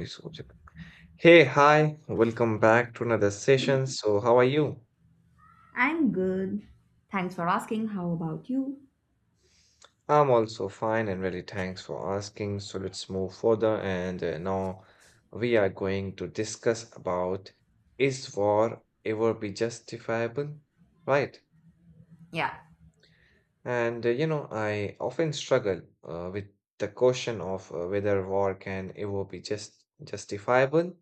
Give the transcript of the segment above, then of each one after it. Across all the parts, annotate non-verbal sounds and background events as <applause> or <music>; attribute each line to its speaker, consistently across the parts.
Speaker 1: Research. Hey, hi, welcome back to another session. So, how are you?
Speaker 2: I'm good. Thanks for asking. How about you?
Speaker 1: I'm also fine and really thanks for asking. So, let's move further. And now we are going to discuss about is war ever be justifiable? Right.
Speaker 2: Yeah,
Speaker 1: And you know, I often struggle with the question of whether war can ever be justifiable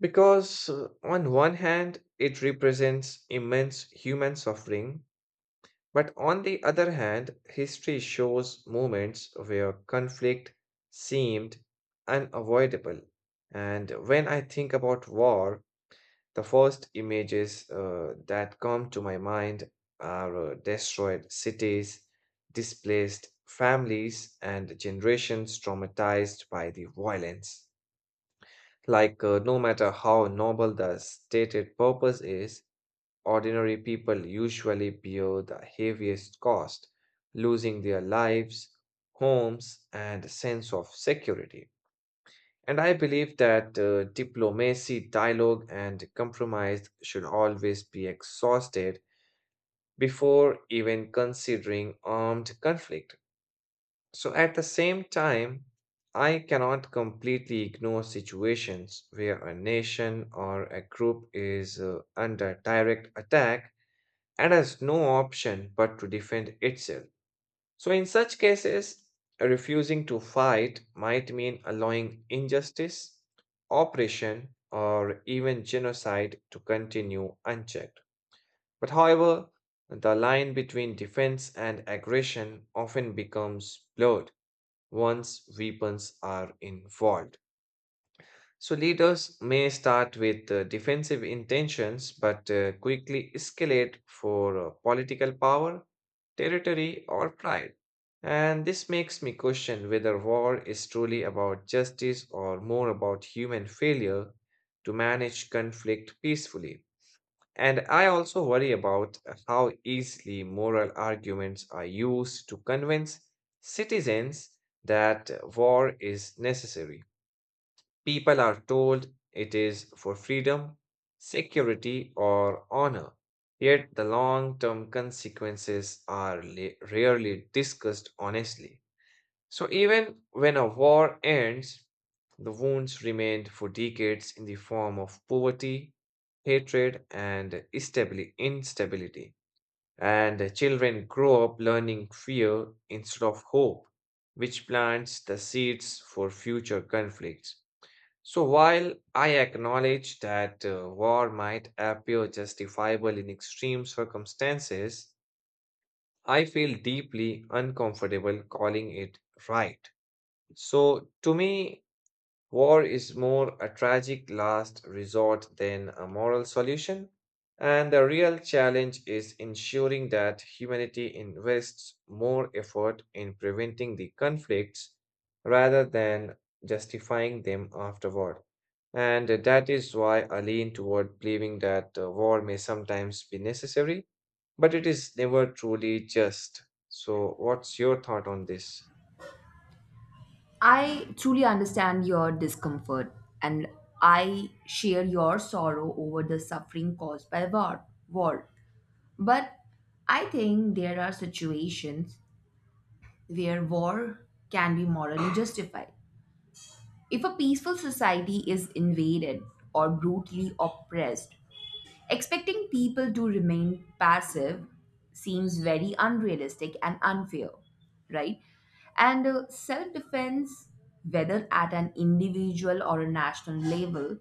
Speaker 1: because on one hand, it represents immense human suffering. But on the other hand, history shows moments where conflict seemed unavoidable. And when I think about war, the first images that come to my mind are destroyed cities, displaced families, and generations traumatized by the violence. No matter how noble the stated purpose is, ordinary people usually bear the heaviest cost, losing their lives, homes, and sense of security. And I believe that diplomacy, dialogue, and compromise should always be exhausted before even considering armed conflict. So, at the same time, I cannot completely ignore situations where a nation or a group is under direct attack and has no option but to defend itself. So, in such cases, refusing to fight might mean allowing injustice, oppression, or even genocide to continue unchecked. However, the line between defense and aggression often becomes blurred once weapons are involved. So leaders may start with defensive intentions but quickly escalate for political power, territory, or pride. And this makes me question whether war is truly about justice or more about human failure to manage conflict peacefully. And I also worry about how easily moral arguments are used to convince citizens that war is necessary. People are told it is for freedom, security, or honor, yet the long term consequences are rarely discussed honestly. So, even when a war ends, the wounds remained for decades in the form of poverty, hatred, and instability. And children grow up learning fear instead of hope, which plants the seeds for future conflicts. So while I acknowledge that war might appear justifiable in extreme circumstances, I feel deeply uncomfortable calling it right. So to me, war is more a tragic last resort than a moral solution, and the real challenge is ensuring that humanity invests more effort in preventing the conflicts rather than justifying them afterward. And that is why I lean toward believing that war may sometimes be necessary, but it is never truly just. So, what's your thought on this?
Speaker 2: I truly understand your discomfort and I share your sorrow over the suffering caused by war. But I think there are situations where war can be morally justified. If a peaceful society is invaded or brutally oppressed, expecting people to remain passive seems very unrealistic and unfair, right? And self defense, whether at an individual or a national level,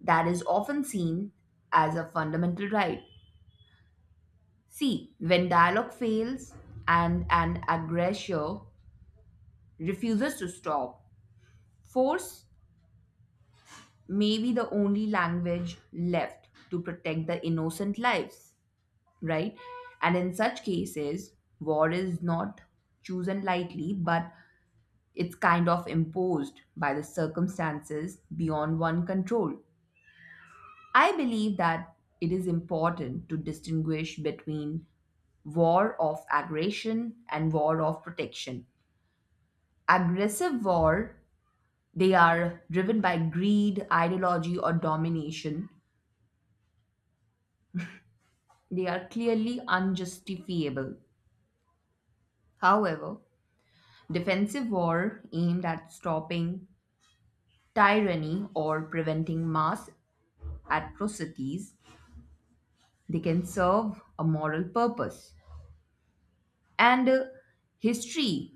Speaker 2: that is often seen as a fundamental right. See, when dialogue fails and an aggressor refuses to stop, force may be the only language left to protect the innocent lives, right? And in such cases, war is not chosen lightly, but it's kind of imposed by the circumstances beyond one control. I believe that it is important to distinguish between war of aggression and war of protection. Aggressive war, they are driven by greed, ideology, or domination. They are clearly unjustifiable. However, defensive war aimed at stopping tyranny or preventing mass atrocities, they can serve a moral purpose. And history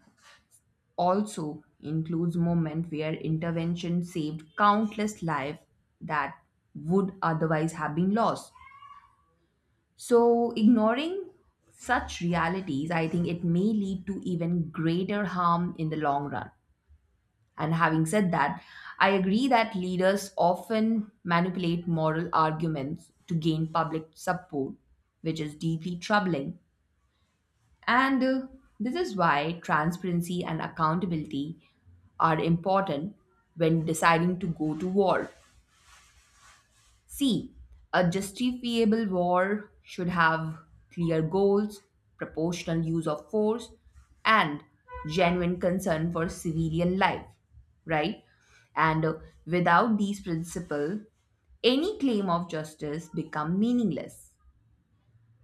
Speaker 2: also includes moments where intervention saved countless lives that would otherwise have been lost. So, ignoring such realities, I think it may lead to even greater harm in the long run. And having said that, I agree that leaders often manipulate moral arguments to gain public support, which is deeply troubling. And this is why transparency and accountability are important when deciding to go to war. C, a justifiable war should have clear goals, proportional use of force, and genuine concern for civilian life, right? And without these principles, any claim of justice become meaningless.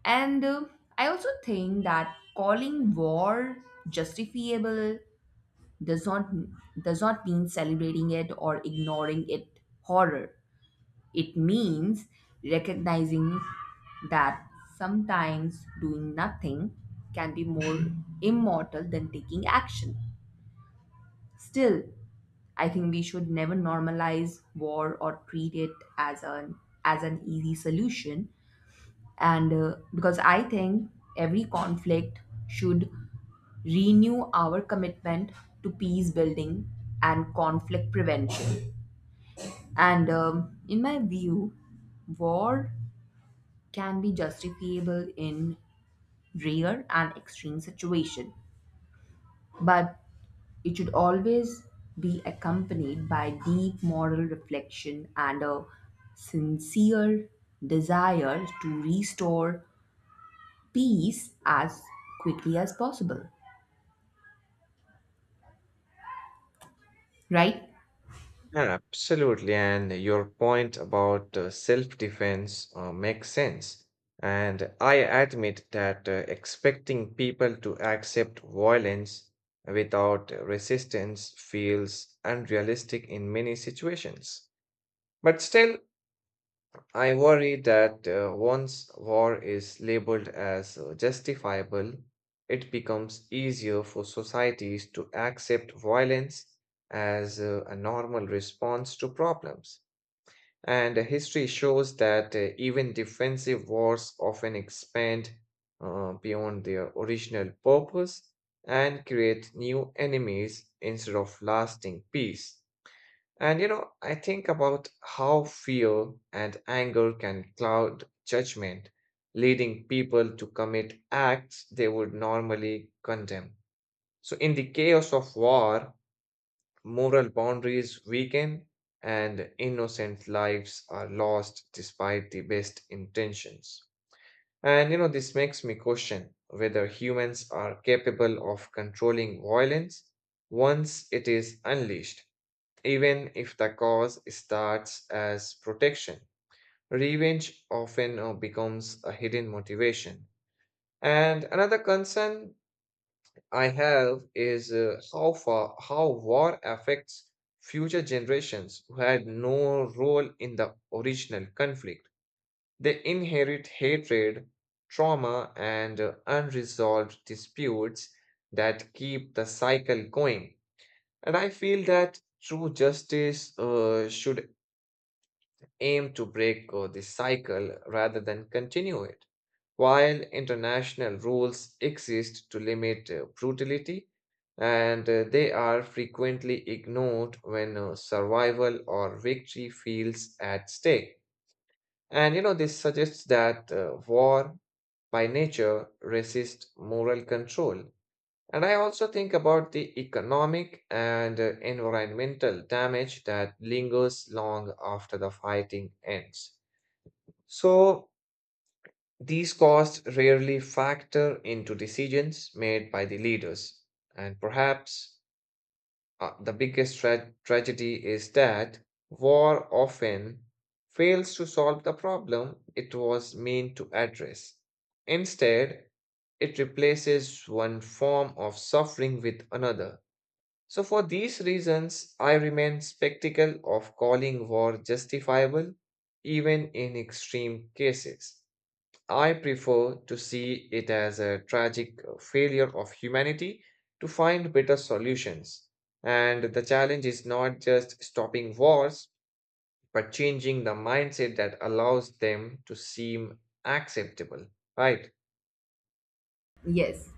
Speaker 2: And I also think that calling war justifiable does not does not mean celebrating it or ignoring it horror, it means recognizing that sometimes doing nothing can be more immortal than taking action. Still, I think we should never normalize war or treat it as an as an easy solution. And because I think every conflict should renew our commitment to peace building and conflict prevention. And in my view, war can be justifiable in rare and extreme situations, but it should always be accompanied by deep moral reflection and a sincere desire to restore peace as quickly as possible. Right?
Speaker 1: Yeah, absolutely. And your point about self-defense makes sense. And I admit that expecting people to accept violence without resistance feels unrealistic in many situations. But still, I worry that once war is labeled as justifiable, it becomes easier for societies to accept violence as a normal response to problems. And history shows that even defensive wars often expand beyond their original purpose and create new enemies instead of lasting peace. And you know, I think about how fear and anger can cloud judgment, leading people to commit acts they would normally condemn. So, in the chaos of war, moral boundaries weaken, and innocent lives are lost despite the best intentions. And you know, this makes me question whether humans are capable of controlling violence once it is unleashed, even if the cause starts as protection. Revenge often becomes a hidden motivation. And another concern I have is how war affects future generations who had no role in the original conflict. They inherit hatred, trauma, and unresolved disputes that keep the cycle going. And I feel that true justice should aim to break this cycle rather than continue it. While international rules exist to limit brutality, and they are frequently ignored when survival or victory feels at stake. And you know, this suggests that war by nature resists moral control. And I also think about the economic and environmental damage that lingers long after the fighting ends. So, these costs rarely factor into decisions made by the leaders. And perhaps the biggest tragedy is that war often fails to solve the problem it was meant to address. Instead, it replaces one form of suffering with another. So, for these reasons, I remain skeptical of calling war justifiable even in extreme cases. I prefer to see it as a tragic failure of humanity to find better solutions. And the challenge is not just stopping wars, but changing the mindset that allows them to seem acceptable, right?
Speaker 2: Yes.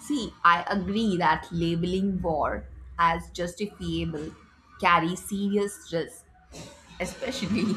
Speaker 2: See, I agree that labeling war as justifiable carries serious risks, especially,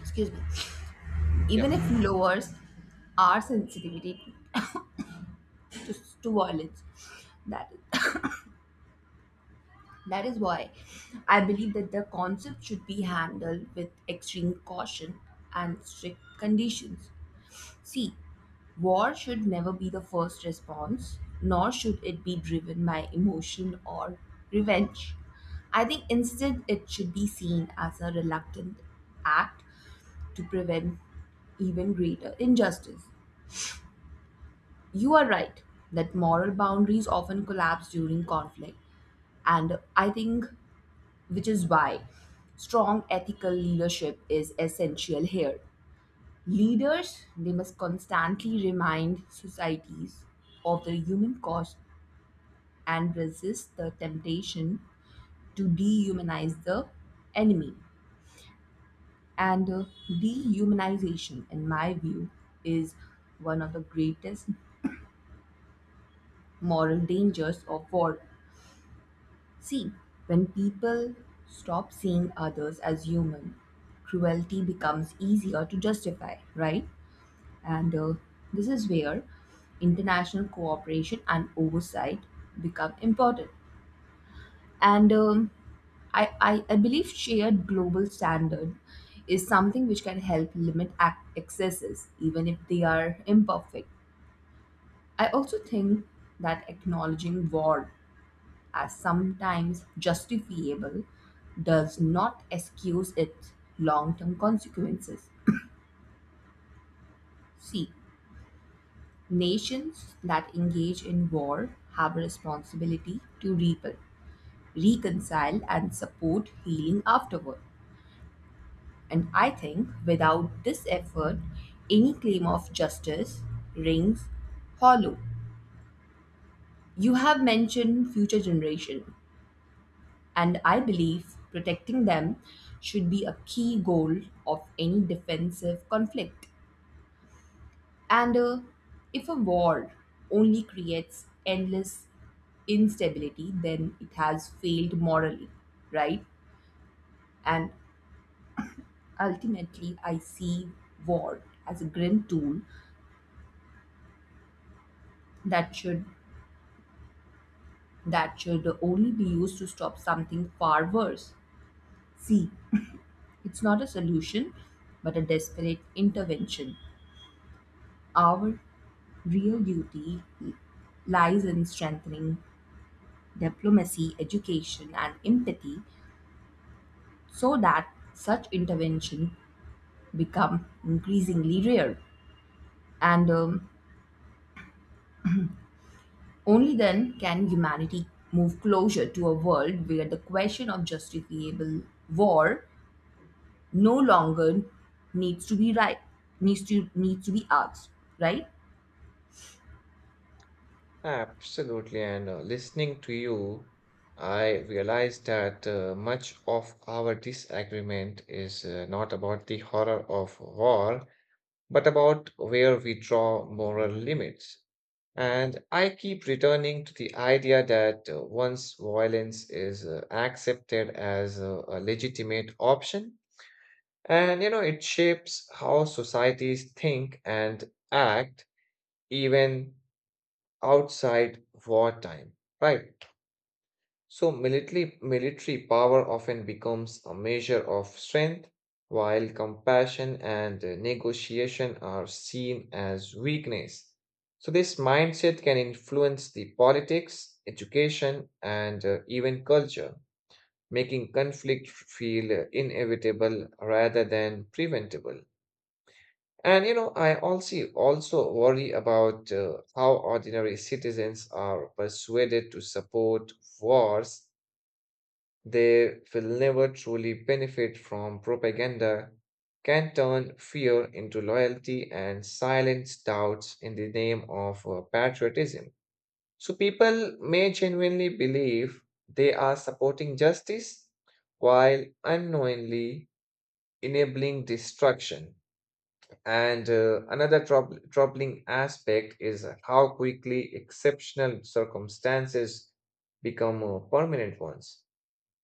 Speaker 2: <laughs> excuse me,
Speaker 1: Yeah,
Speaker 2: even if lowers our sensitivity to, to violence. That, <laughs> <coughs> that is why I believe that the concept should be handled with extreme caution and strict conditions. See, war should never be the first response, nor should it be driven by emotion or revenge. I think instead it should be seen as a reluctant act to prevent even greater injustice. You are right that moral boundaries often collapse during conflict, and I think, which is why strong ethical leadership is essential here. Leaders they must constantly remind societies of the human cost and resist the temptation to dehumanize the enemy. And dehumanization, in my view, is one of the greatest moral dangers of war. See, when people stop seeing others as human, cruelty becomes easier to justify, right? And this is where international cooperation and oversight become important. And I believe shared global standard is something which can help limit excesses, even if they are imperfect. I also think that acknowledging war as sometimes justifiable, does not excuse its long term consequences. See, nations that engage in war have a responsibility to repel, reconcile, and support healing afterward. And I think without this effort, any claim of justice rings hollow. You have mentioned future generation, and I believe protecting them should be a key goal of any defensive conflict. And if a war only creates endless instability, then it has failed morally, right? And ultimately, I see war as a grim tool that should that should only be used to stop something far worse. See, it's not a solution, but a desperate intervention. Our real duty lies in strengthening diplomacy, education, and empathy so that such intervention become increasingly rare. And only then can humanity move closer to a world where the question of justifiable war no longer needs to be, right, needs to be asked, right?
Speaker 1: absolutely. And listening to you, I realized that much of our disagreement is not about the horror of war, but about where we draw moral limits. And I keep returning to the idea that once violence is accepted as a legitimate option, and you know, it shapes how societies think and act even outside wartime, right? So military power often becomes a measure of strength, while compassion and negotiation are seen as weakness. So this mindset can influence the politics, education, and even culture, making conflict feel inevitable rather than preventable. And you know, I also worry about how ordinary citizens are persuaded to support wars they will never truly benefit from. Propaganda can turn fear into loyalty and silence doubts in the name of patriotism. So people may genuinely believe they are supporting justice while unknowingly enabling destruction. And another troubling aspect is how quickly exceptional circumstances become permanent ones.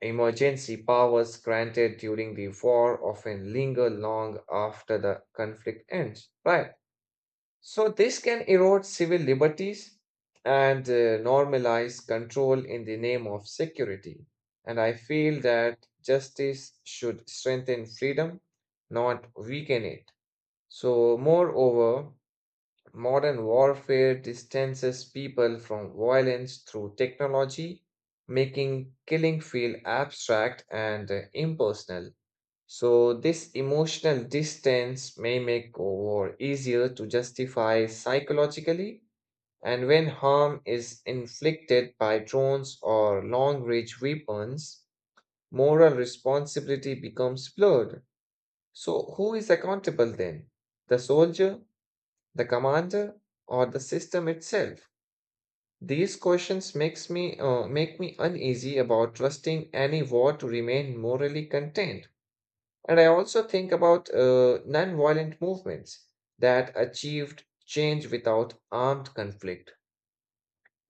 Speaker 1: Emergency powers granted during the war often linger long after the conflict ends, right? So, this can erode civil liberties and normalize control in the name of security. And I feel that justice should strengthen freedom, not weaken it. So, moreover, modern warfare distances people from violence through technology, making killing feel abstract and impersonal. So, this emotional distance may make war easier to justify psychologically, and when harm is inflicted by drones or long range weapons, moral responsibility becomes blurred. So, who is accountable then? The soldier? The commander? Or the system itself? These questions make me uneasy about trusting any war to remain morally contained. And I also think about non-violent movements that achieved change without armed conflict.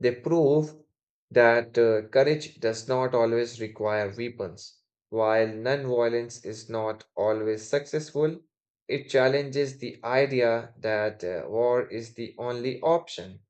Speaker 1: They prove that courage does not always require weapons. While non-violence is not always successful, it challenges the idea that war is the only option.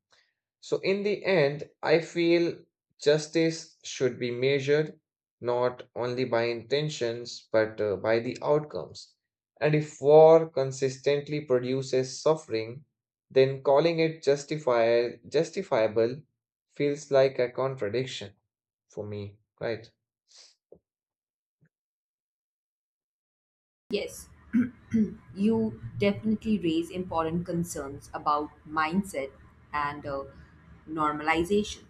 Speaker 1: So, in the end, I feel justice should be measured not only by intentions but by the outcomes. And if war consistently produces suffering, then calling it justifiable feels like a contradiction for me, right?
Speaker 2: Yes, <clears throat> you definitely raise important concerns about mindset and normalization.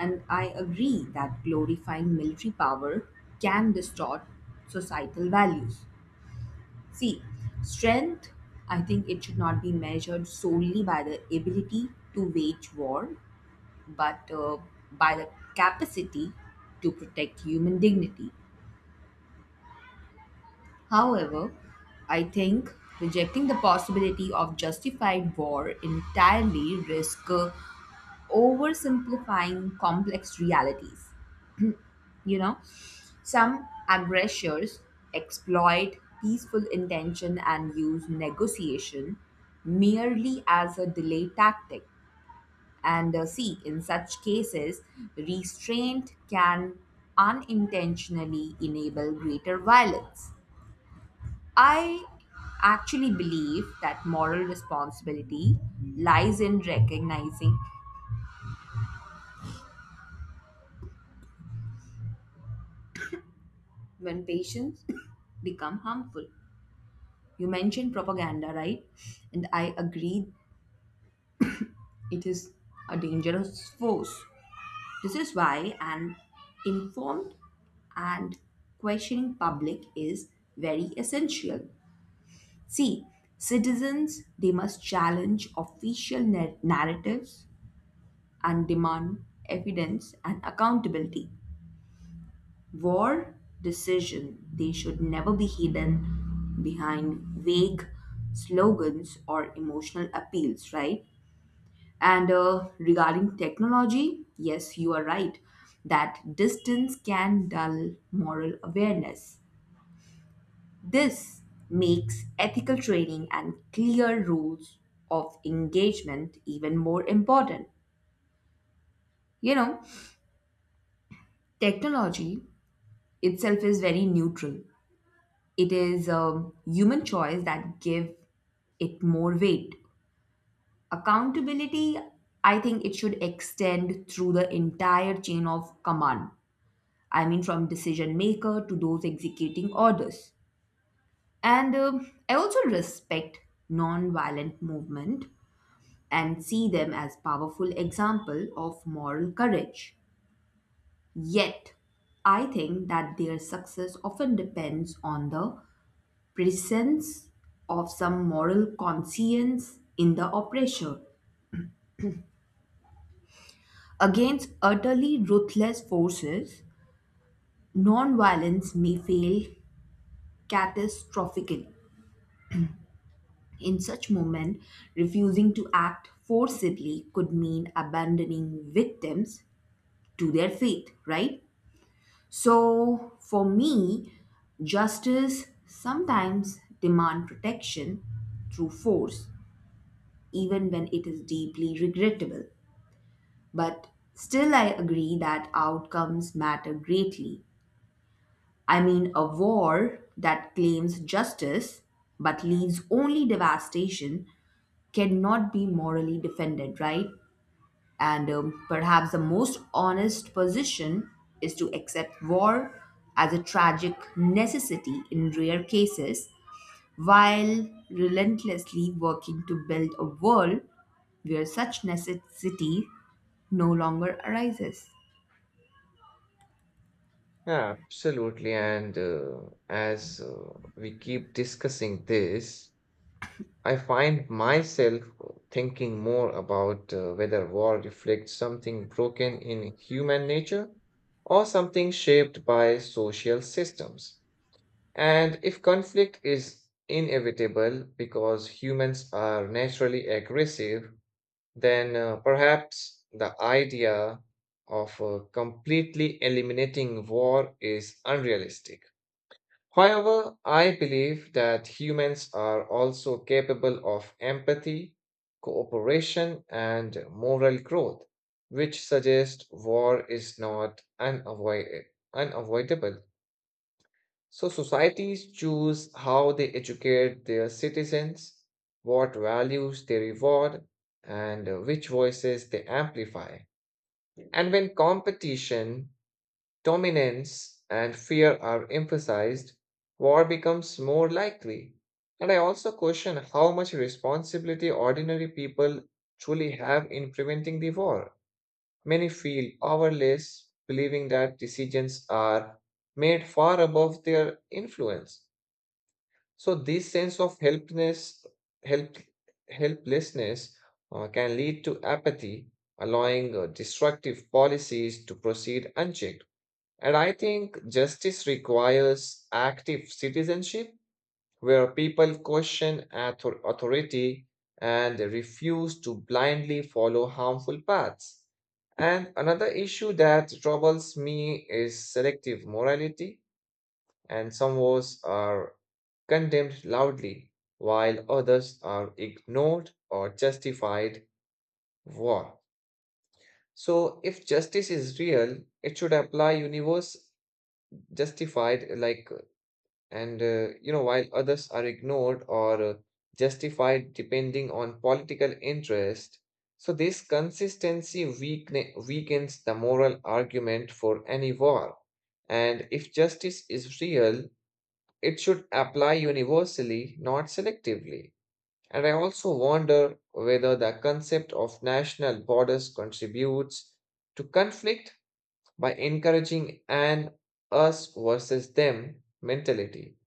Speaker 2: And I agree that glorifying military power can distort societal values. See, strength, I think it should not be measured solely by the ability to wage war, but by the capacity to protect human dignity. However, I think rejecting the possibility of justified war entirely risks oversimplifying complex realities. You know, some aggressors exploit peaceful intention and use negotiation merely as a delay tactic. And see, in such cases, restraint can unintentionally enable greater violence. I actually believe that moral responsibility lies in recognizing when patients <coughs> become harmful. You mentioned propaganda, right? And I agree it is a dangerous force. This is why an informed and questioning public is very essential. See, citizens they must challenge official narratives and demand evidence and accountability. War decision they should never be hidden behind vague slogans or emotional appeals, right? And regarding technology, yes, you are right that distance can dull moral awareness. This makes ethical training and clear rules of engagement even more important. you know Technology itself is very neutral. It is human choice that give it more weight. Accountability, I think it should extend through the entire chain of command. I mean, from decision maker to those executing orders. And I also respect non-violent movement and see them as powerful example of moral courage. Yet, I think that their success often depends on the presence of some moral conscience in the oppressor. Against utterly ruthless forces, nonviolence may fail catastrophically. In such moment, refusing to act forcibly could mean abandoning victims to their fate, right? So, for me, justice sometimes demand protection through force, even when it is deeply regrettable. But still, I agree that outcomes matter greatly. I mean, a war that claims justice but leaves only devastation cannot be morally defended, right? And perhaps the most honest position is to accept war as a tragic necessity in rare cases while relentlessly working to build a world where such necessity no longer arises.
Speaker 1: Yeah, absolutely. And as we keep discussing this, I find myself thinking more about whether war reflects something broken in human nature or something shaped by social systems. And if conflict is inevitable because humans are naturally aggressive, then perhaps the idea of completely eliminating war is unrealistic. However, I believe that humans are also capable of empathy, cooperation, and moral growth, which suggests war is not unavoidable. So societies choose how they educate their citizens, what values they reward, and which voices they amplify. And when competition, dominance, and fear are emphasized, war becomes more likely. And I also question how much responsibility ordinary people truly have in preventing the war. Many feel powerless, believing that decisions are made far above their influence. So this sense of help, helplessness can lead to apathy, allowing destructive policies to proceed unchecked. And I think justice requires active citizenship, where people question authority and refuse to blindly follow harmful paths. And another issue that troubles me is selective morality, and some wars are condemned loudly, while others are ignored or justified war. So, if justice is real, it should apply universe justified like and you know, while others are ignored or justified depending on political interest. So this weakens the moral argument for any war. And if justice is real, it should apply universally, not selectively. And I also wonder whether the concept of national borders contributes to conflict by encouraging an us versus them mentality.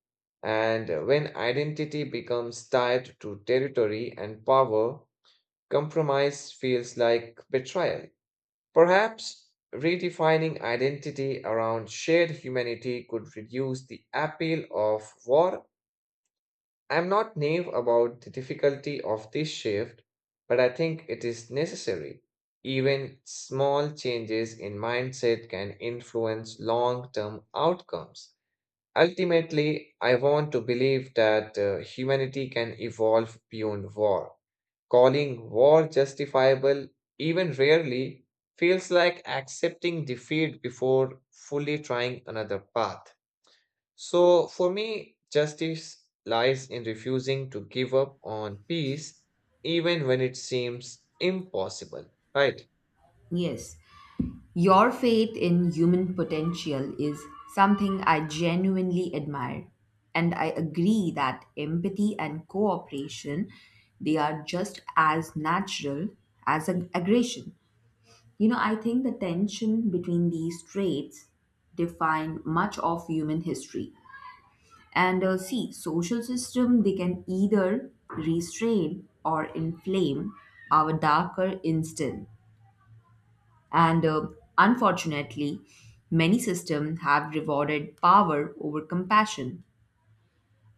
Speaker 1: And when identity becomes tied to territory and power, compromise feels like betrayal. Perhaps redefining identity around shared humanity could reduce the appeal of war. I'm not naive about the difficulty of this shift, but I think it is necessary. Even small changes in mindset can influence long term outcomes. Ultimately, I want to believe that humanity can evolve beyond war. Calling war justifiable, even rarely, feels like accepting defeat before fully trying another path. So, for me, justice lies in refusing to give up on peace even when it seems impossible, right?
Speaker 2: Yes, your faith in human potential is something I genuinely admire. And I agree that empathy and cooperation, they are just as natural as aggression. You know, I think the tension between these traits define much of human history. And see, social system, they can either restrain or inflame our darker instinct and unfortunately, many systems have rewarded power over compassion.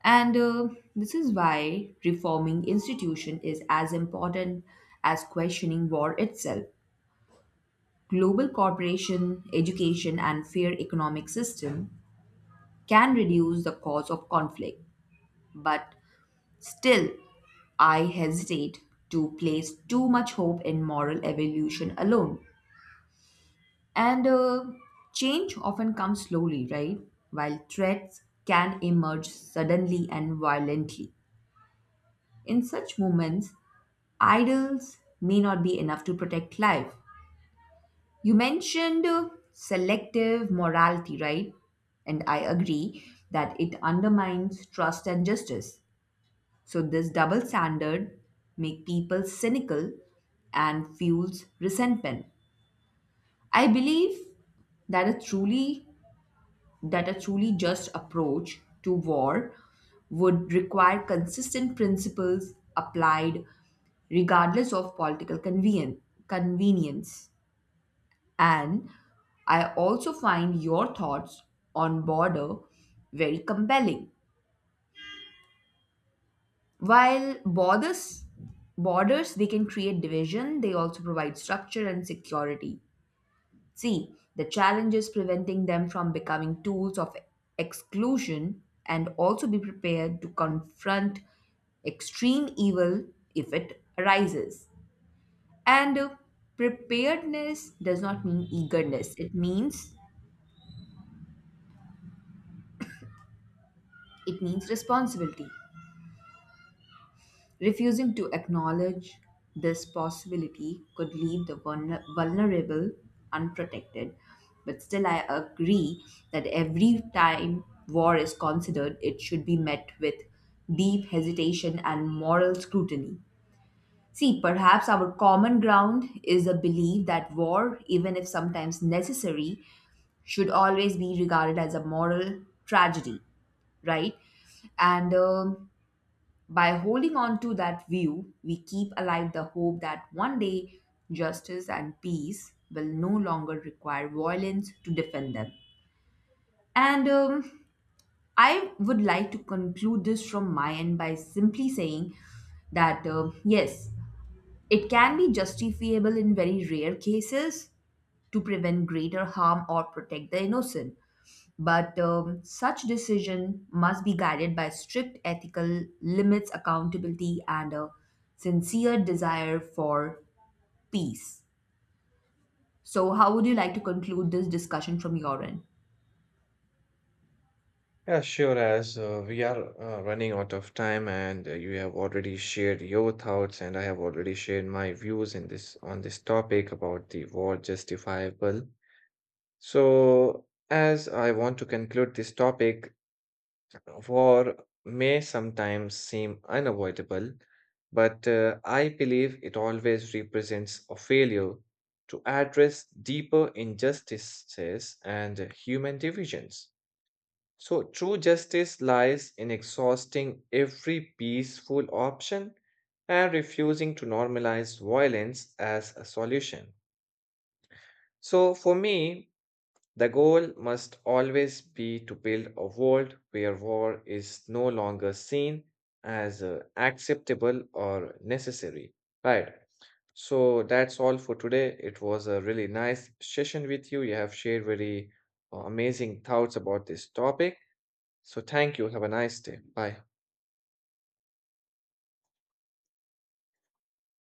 Speaker 2: And this is why reforming institution is as important as questioning war itself. Global cooperation, education, and fair economic system can reduce the cause of conflict, but still, I hesitate to place too much hope in moral evolution alone. And change often comes slowly, right? While threats can emerge suddenly and violently. In such moments, idols may not be enough to protect life. You mentioned selective morality, right? And I agree that it undermines trust and justice. So this double standard make people cynical and fuels resentment. I believe that a truly just approach to war would require consistent principles applied regardless of political convenience. And I also find your thoughts on border very compelling. While borders they can create division, they also provide structure and security. See, the challenge is preventing them from becoming tools of exclusion and also be prepared to confront extreme evil if it arises. And preparedness does not mean eagerness. It means responsibility. Refusing to acknowledge this possibility could leave the vulnerable unprotected. But still, I agree that every time war is considered, it should be met with deep hesitation and moral scrutiny. See, perhaps our common ground is a belief that war, even if sometimes necessary, should always be regarded as a moral tragedy, right? And by holding on to that view, we keep alive the hope that one day justice and peace will no longer require violence to defend them. And I would like to conclude this from my end by simply saying that yes, it can be justifiable in very rare cases to prevent greater harm or protect the innocent. But such decision must be guided by strict ethical limits, accountability, and a sincere desire for peace. So, how would you like to conclude this discussion from your end?
Speaker 1: Yeah, sure. As we are running out of time, and you have already shared your thoughts, and I have already shared my views in this topic about the war justifiable. So, as I want to conclude this topic, war may sometimes seem unavoidable, but I believe it always represents a failure to address deeper injustices and human divisions. So, true justice lies in exhausting every peaceful option and refusing to normalize violence as a solution. So, for me, the goal must always be to build a world where war is no longer seen as acceptable or necessary. Right. So that's all for today. It was a really nice session with you. You have shared very amazing thoughts about this topic. So thank you. Have a nice day. Bye.